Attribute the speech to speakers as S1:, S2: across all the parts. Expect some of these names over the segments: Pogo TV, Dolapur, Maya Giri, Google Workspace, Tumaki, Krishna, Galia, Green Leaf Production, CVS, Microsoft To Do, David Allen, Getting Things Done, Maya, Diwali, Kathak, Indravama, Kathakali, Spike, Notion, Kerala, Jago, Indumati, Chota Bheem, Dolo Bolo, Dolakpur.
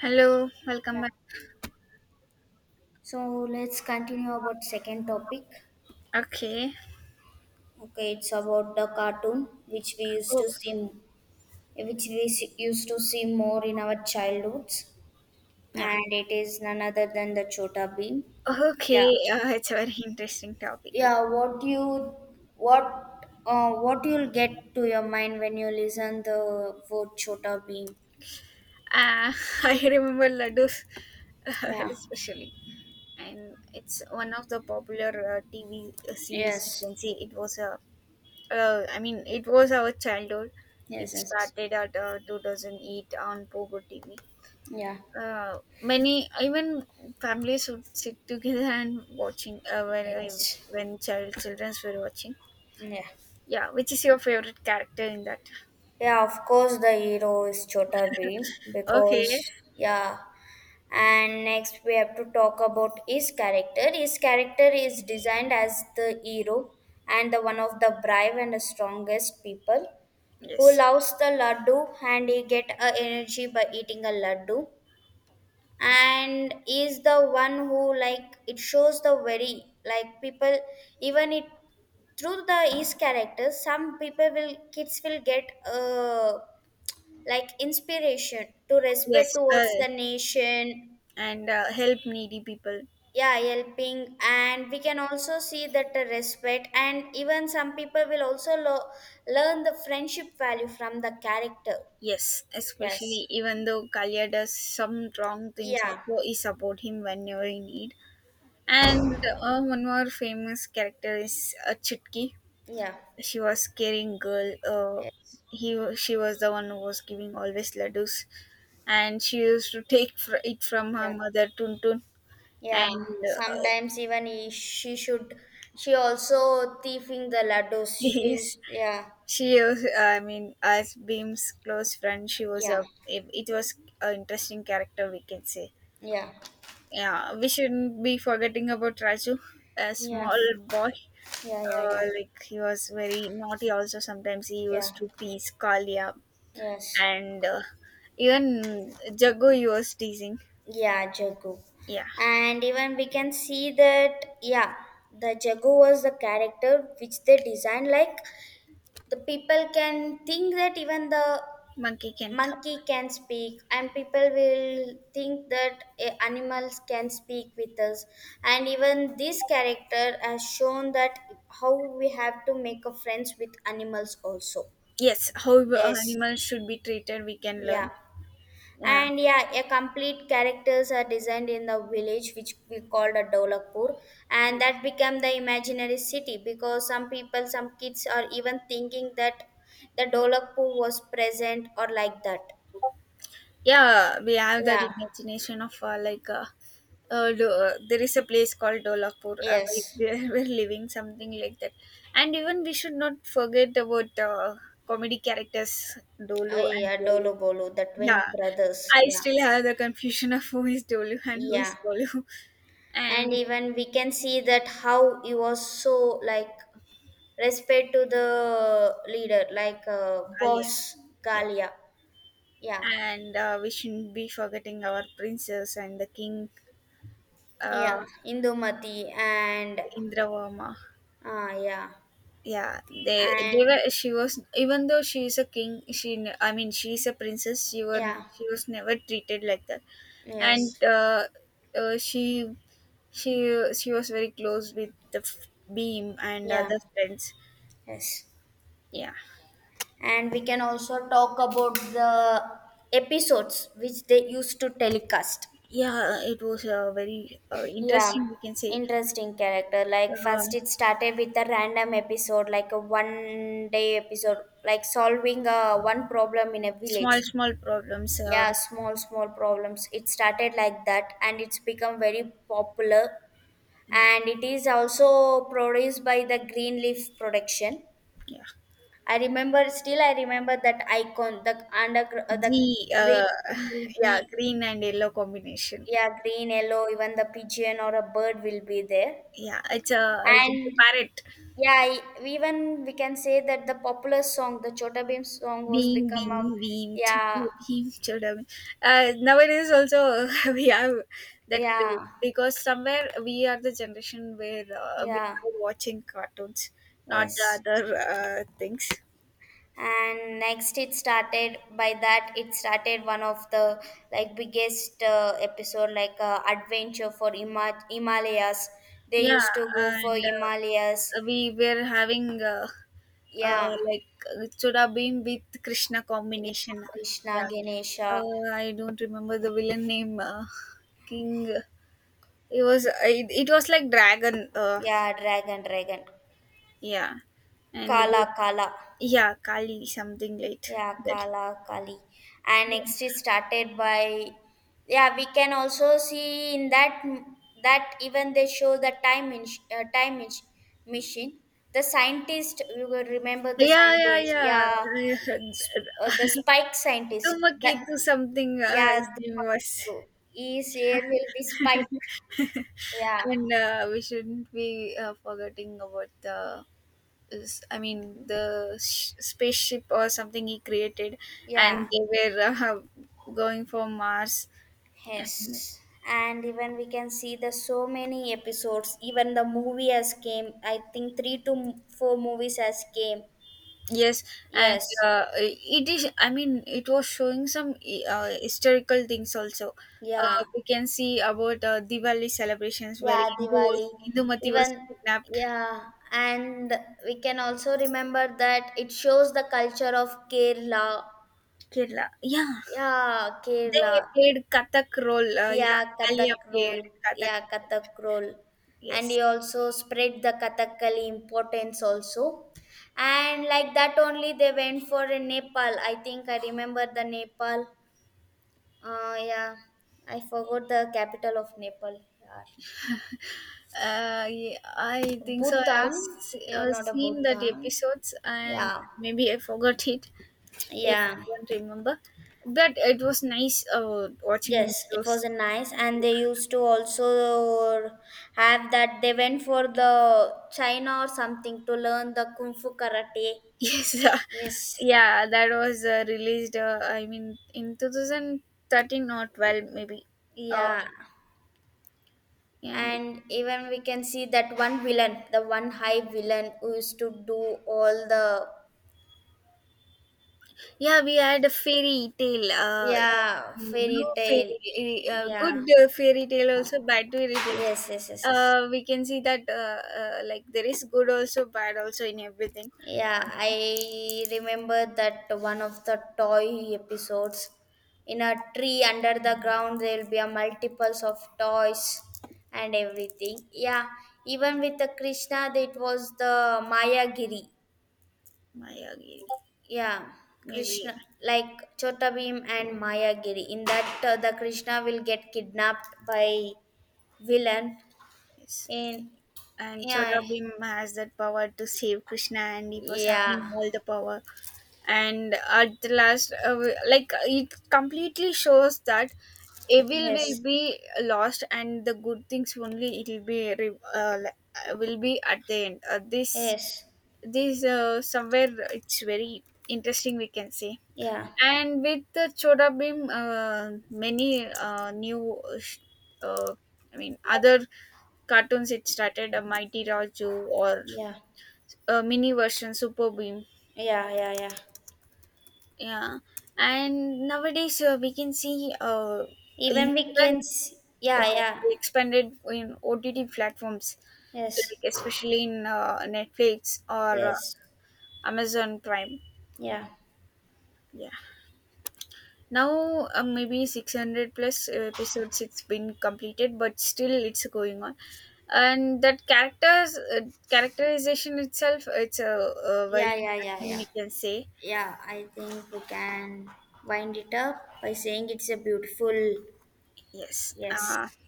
S1: Hello, welcome back.
S2: So let's continue about second topic.
S1: Okay.
S2: Okay, it's about the cartoon which we used to
S1: Oh,
S2: see, which we used to see more in our childhoods,
S1: yeah.
S2: and it is none other than the Chota Bean.
S1: Okay,
S2: Yeah,
S1: it's a very interesting topic.
S2: yeah. What you'll get to your mind when you listen the word Chota Bean?
S1: Uh, I remember laddus
S2: Yeah.
S1: especially, and it's one of the popular TV series. You
S2: Yes.
S1: can see it I mean, it was our childhood.
S2: Yes.
S1: It
S2: Yes, yes.
S1: started at 2008 on Pogo TV.
S2: Yeah.
S1: Many even families would sit together and watching when
S2: Yes.
S1: when childrens were watching.
S2: Yeah.
S1: Yeah, which is your favorite character in that?
S2: Yeah, of course, the hero is Chota Bheem
S1: Okay.
S2: because, yeah. And next, we have to talk about his character. His character is designed as the hero and the one of the brave and the strongest people who
S1: Yes.
S2: loves the laddu and he get a energy by eating a laddu and is the one who like it shows the very like people even it through the his character some people will kids will get like inspiration to
S1: Yes.
S2: respect towards the nation.
S1: And Help needy people.
S2: Yeah, helping, and we can also see that the respect and even some people will also learn the friendship value from the character.
S1: Yes,
S2: Yes,
S1: especially even though Kalia does some wrong things,
S2: yeah,
S1: also he support him whenever he need. And One more famous character is Chutki.
S2: yeah,
S1: She was caring girl.
S2: yes,
S1: She was the one who was giving always laddus, and she used to take it from her
S2: yeah,
S1: mother Tuntun.
S2: yeah.
S1: And
S2: Sometimes even he, she should she also thieving the laddus
S1: yes,
S2: she's. Yeah,
S1: I mean, as Beam's close friend, she was a.
S2: yeah,
S1: It was an interesting character, we can say.
S2: yeah,
S1: Yeah, we shouldn't be forgetting about Raju, a
S2: yeah,
S1: small boy.
S2: yeah, yeah, yeah,
S1: Like he was very naughty. Also, sometimes he
S2: yeah,
S1: used to tease Kalia,
S2: yes.
S1: and even Jago he was teasing.
S2: Yeah, Jago.
S1: Yeah,
S2: And even we can see that, yeah, the Jago was the character which they designed. Like, the people can think that even the
S1: monkey can talk.
S2: monkey can speak, and people will think that animals can speak with us. And even this character has shown that how we have to make a friends with animals also.
S1: Yes, how
S2: Yes.
S1: animals should be treated, we can
S2: Yeah.
S1: learn. Yeah.
S2: And yeah, a complete characters are designed in the village, which we called a Dolakpur, and that became the imaginary city because some people, some kids are even thinking that the Dolakpur was present or like that.
S1: Yeah, we have that
S2: Yeah,
S1: imagination of there is a place called Dolapur. We,
S2: yes.
S1: we're, we're living something like that, and even we should not forget about comedy characters Dolo and
S2: Yeah,
S1: Dolo.
S2: Dolo Bolo, the twin
S1: Yeah,
S2: brothers.
S1: I
S2: Yeah,
S1: still have the confusion of who is Dolo and who
S2: yeah.
S1: is Dolo, and
S2: And even we can see that how he was so like respect to the leader, like
S1: Alia.
S2: boss
S1: Yeah,
S2: Galia. Yeah.
S1: yeah. And we shouldn't be forgetting our princes and the king, uh,
S2: Yeah, Indumati and
S1: Indravama.
S2: yeah,
S1: Yeah, they
S2: and
S1: were she was even though she is a king, I mean she is a princess,
S2: yeah,
S1: she was never treated like that. And
S2: yes,
S1: uh, she she was very close with the beam and
S2: yeah,
S1: other friends.
S2: yes,
S1: Yeah,
S2: and we can also talk about the episodes which they used to telecast.
S1: yeah, it was very
S2: Yeah,
S1: interesting, we can say.
S2: interesting character. Like
S1: uh,
S2: first, it started with a random episode, like a one-day episode, like solving a one problem in a
S1: small
S2: village.
S1: small problems,
S2: Yeah, small, small problems. It started like that, and it's become very popular,
S1: yeah,
S2: and it is also produced by the Green Leaf Production.
S1: yeah.
S2: I remember, still I remember that icon, the under the
S1: the
S2: green will
S1: Yeah,
S2: be,
S1: green and yellow combination.
S2: yeah, green, yellow, even the pigeon or a bird will be there.
S1: Yeah, it's a
S2: And
S1: parrot.
S2: yeah, even we can say that the popular song, the Chota Bheem song, was
S1: Beam,
S2: become a,
S1: beam, beam,
S2: yeah,
S1: chowder, beam, chowder, beam. Nowadays also, we have that craze
S2: yeah,
S1: because somewhere we are the generation where we
S2: yeah,
S1: are watching cartoons, not the
S2: yes.
S1: other things.
S2: And next it started by that, it started one of the like biggest episode like adventure for himalayas. They
S1: Yeah,
S2: used to go for
S1: and
S2: himalayas.
S1: we were having uh,
S2: Yeah,
S1: like Choda Beam with Krishna
S2: yeah,
S1: combination.
S2: Krishna,
S1: Yeah,
S2: Ganesha,
S1: I don't remember the villain name. King. It was like dragon.
S2: yeah, dragon, dragon,
S1: Yeah, and
S2: kala,
S1: we,
S2: kala.
S1: yeah, Kali something like
S2: Yeah,
S1: that.
S2: Kala Kali. And next is started by, yeah, we can also see in that that even they show the time in, time machine. The scientist, we will remember the
S1: Yeah,
S2: scientist.
S1: yeah,
S2: Yeah,
S1: yeah.
S2: the Spike scientist.
S1: Tumaki
S2: That,
S1: to something
S2: yeah,
S1: his name was,
S2: the, his air will be Spike. Yeah,
S1: and we shouldn't be forgetting about the. I mean the spaceship or something he created, and
S2: yeah.
S1: they were going for Mars, and
S2: Yes, and even we can see the so many episodes. Even the movie has came. I think three to four movies has came.
S1: yes, and
S2: Yes,
S1: it is. I mean, it was showing some historical things also. Uh,
S2: yeah,
S1: we can see about Diwali celebrations where
S2: yeah,
S1: Hindu
S2: Diwali.
S1: was, Indumati was
S2: Even,
S1: kidnapped.
S2: yeah, and we can also remember that it shows the culture of Kerala.
S1: Kerala, yeah,
S2: Yeah,
S1: they
S2: Kerala.
S1: played Kathak role. Yeah,
S2: Yeah,
S1: Kalia
S2: Kathak roll.
S1: played Kathak
S2: Yeah,
S1: role.
S2: Kathak roll. And
S1: Yes,
S2: he also spread the Kathakali importance also. And like that only they went for in Nepal. I think I remember the Nepal. Yeah, I forgot the capital of Nepal. Yeah.
S1: yeah, I think so.
S2: Bhutan. Yeah,
S1: Uh,
S2: not a
S1: seen that
S2: Bhutan.
S1: episodes, and
S2: Yeah.
S1: maybe I forgot it. Even
S2: Yeah.
S1: I don't remember, but it was nice watching
S2: Yes, it was
S1: those.
S2: a nice, and they used to also have that they went for the China or something to learn the kung fu karate.
S1: Yes,
S2: Yes,
S1: yeah, that was released. I mean, in 2013 or 12, maybe. Uh,
S2: yeah,
S1: and
S2: and even we can see that one villain, the one high villain who used to do all the,
S1: yeah, we had a fairy tale.
S2: yeah,
S1: Blue
S2: fairy tale.
S1: fairy,
S2: Yeah,
S1: good fairy tale also, bad fairy tales.
S2: yes, yes, yes, yes.
S1: We can see that like there is good also, bad also in everything.
S2: Yeah, I remember that one of the toy episodes. In a tree under the ground, there will be a multiples of toys and everything. Yeah, even with the Krishna, it was the Maya Giri.
S1: Maya,
S2: Yeah,
S1: maybe
S2: Krishna like Chota Bhim and Maya Giri. In that, the Krishna will get kidnapped by villain.
S1: yes.
S2: In,
S1: And
S2: yeah,
S1: Chodabim has that power to save Krishna, and he was
S2: yeah,
S1: having all the power. And at the last, like it completely shows that evil will
S2: yes,
S1: be lost, and the good things only it will be like, will be at the end. This
S2: yes,
S1: this Somewhere it's very interesting, we can say.
S2: yeah,
S1: And with the Chodabim, many uh, I mean, other cartoons, it started a mighty raju or
S2: yeah.
S1: a mini version super beam.
S2: Yeah, yeah, yeah.
S1: Yeah, and nowadays we can see
S2: Even we
S1: even
S2: can, yeah,
S1: uh,
S2: yeah,
S1: expanded in OTT platforms,
S2: yes,
S1: like especially in netflix or
S2: yes,
S1: amazon prime.
S2: yeah,
S1: Yeah, now, maybe 600 plus episodes it's been completed, but still it's going on, and that characters characterization itself, a very
S2: yeah, yeah, yeah,
S1: interesting,
S2: yeah.
S1: we can say.
S2: Yeah, I think we can wind it up by saying it's a beautiful,
S1: Yes.
S2: yes,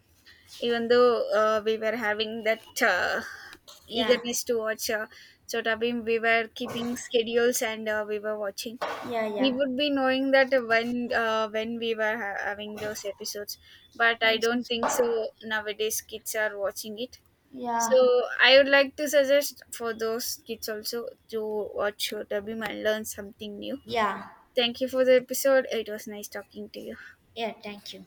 S1: Even though we were having that
S2: yeah,
S1: eagerness to watch Chota Bheem, we were keeping schedules and we were watching.
S2: yeah,
S1: We
S2: yeah,
S1: would be knowing that when we were having those episodes, but I
S2: and
S1: don't think so nowadays kids are watching it. So
S2: yeah,
S1: I would like to suggest for those kids also to watch Chota Bheem and learn something new.
S2: yeah,
S1: Thank you for the episode. It was nice talking to you.
S2: yeah. Thank you.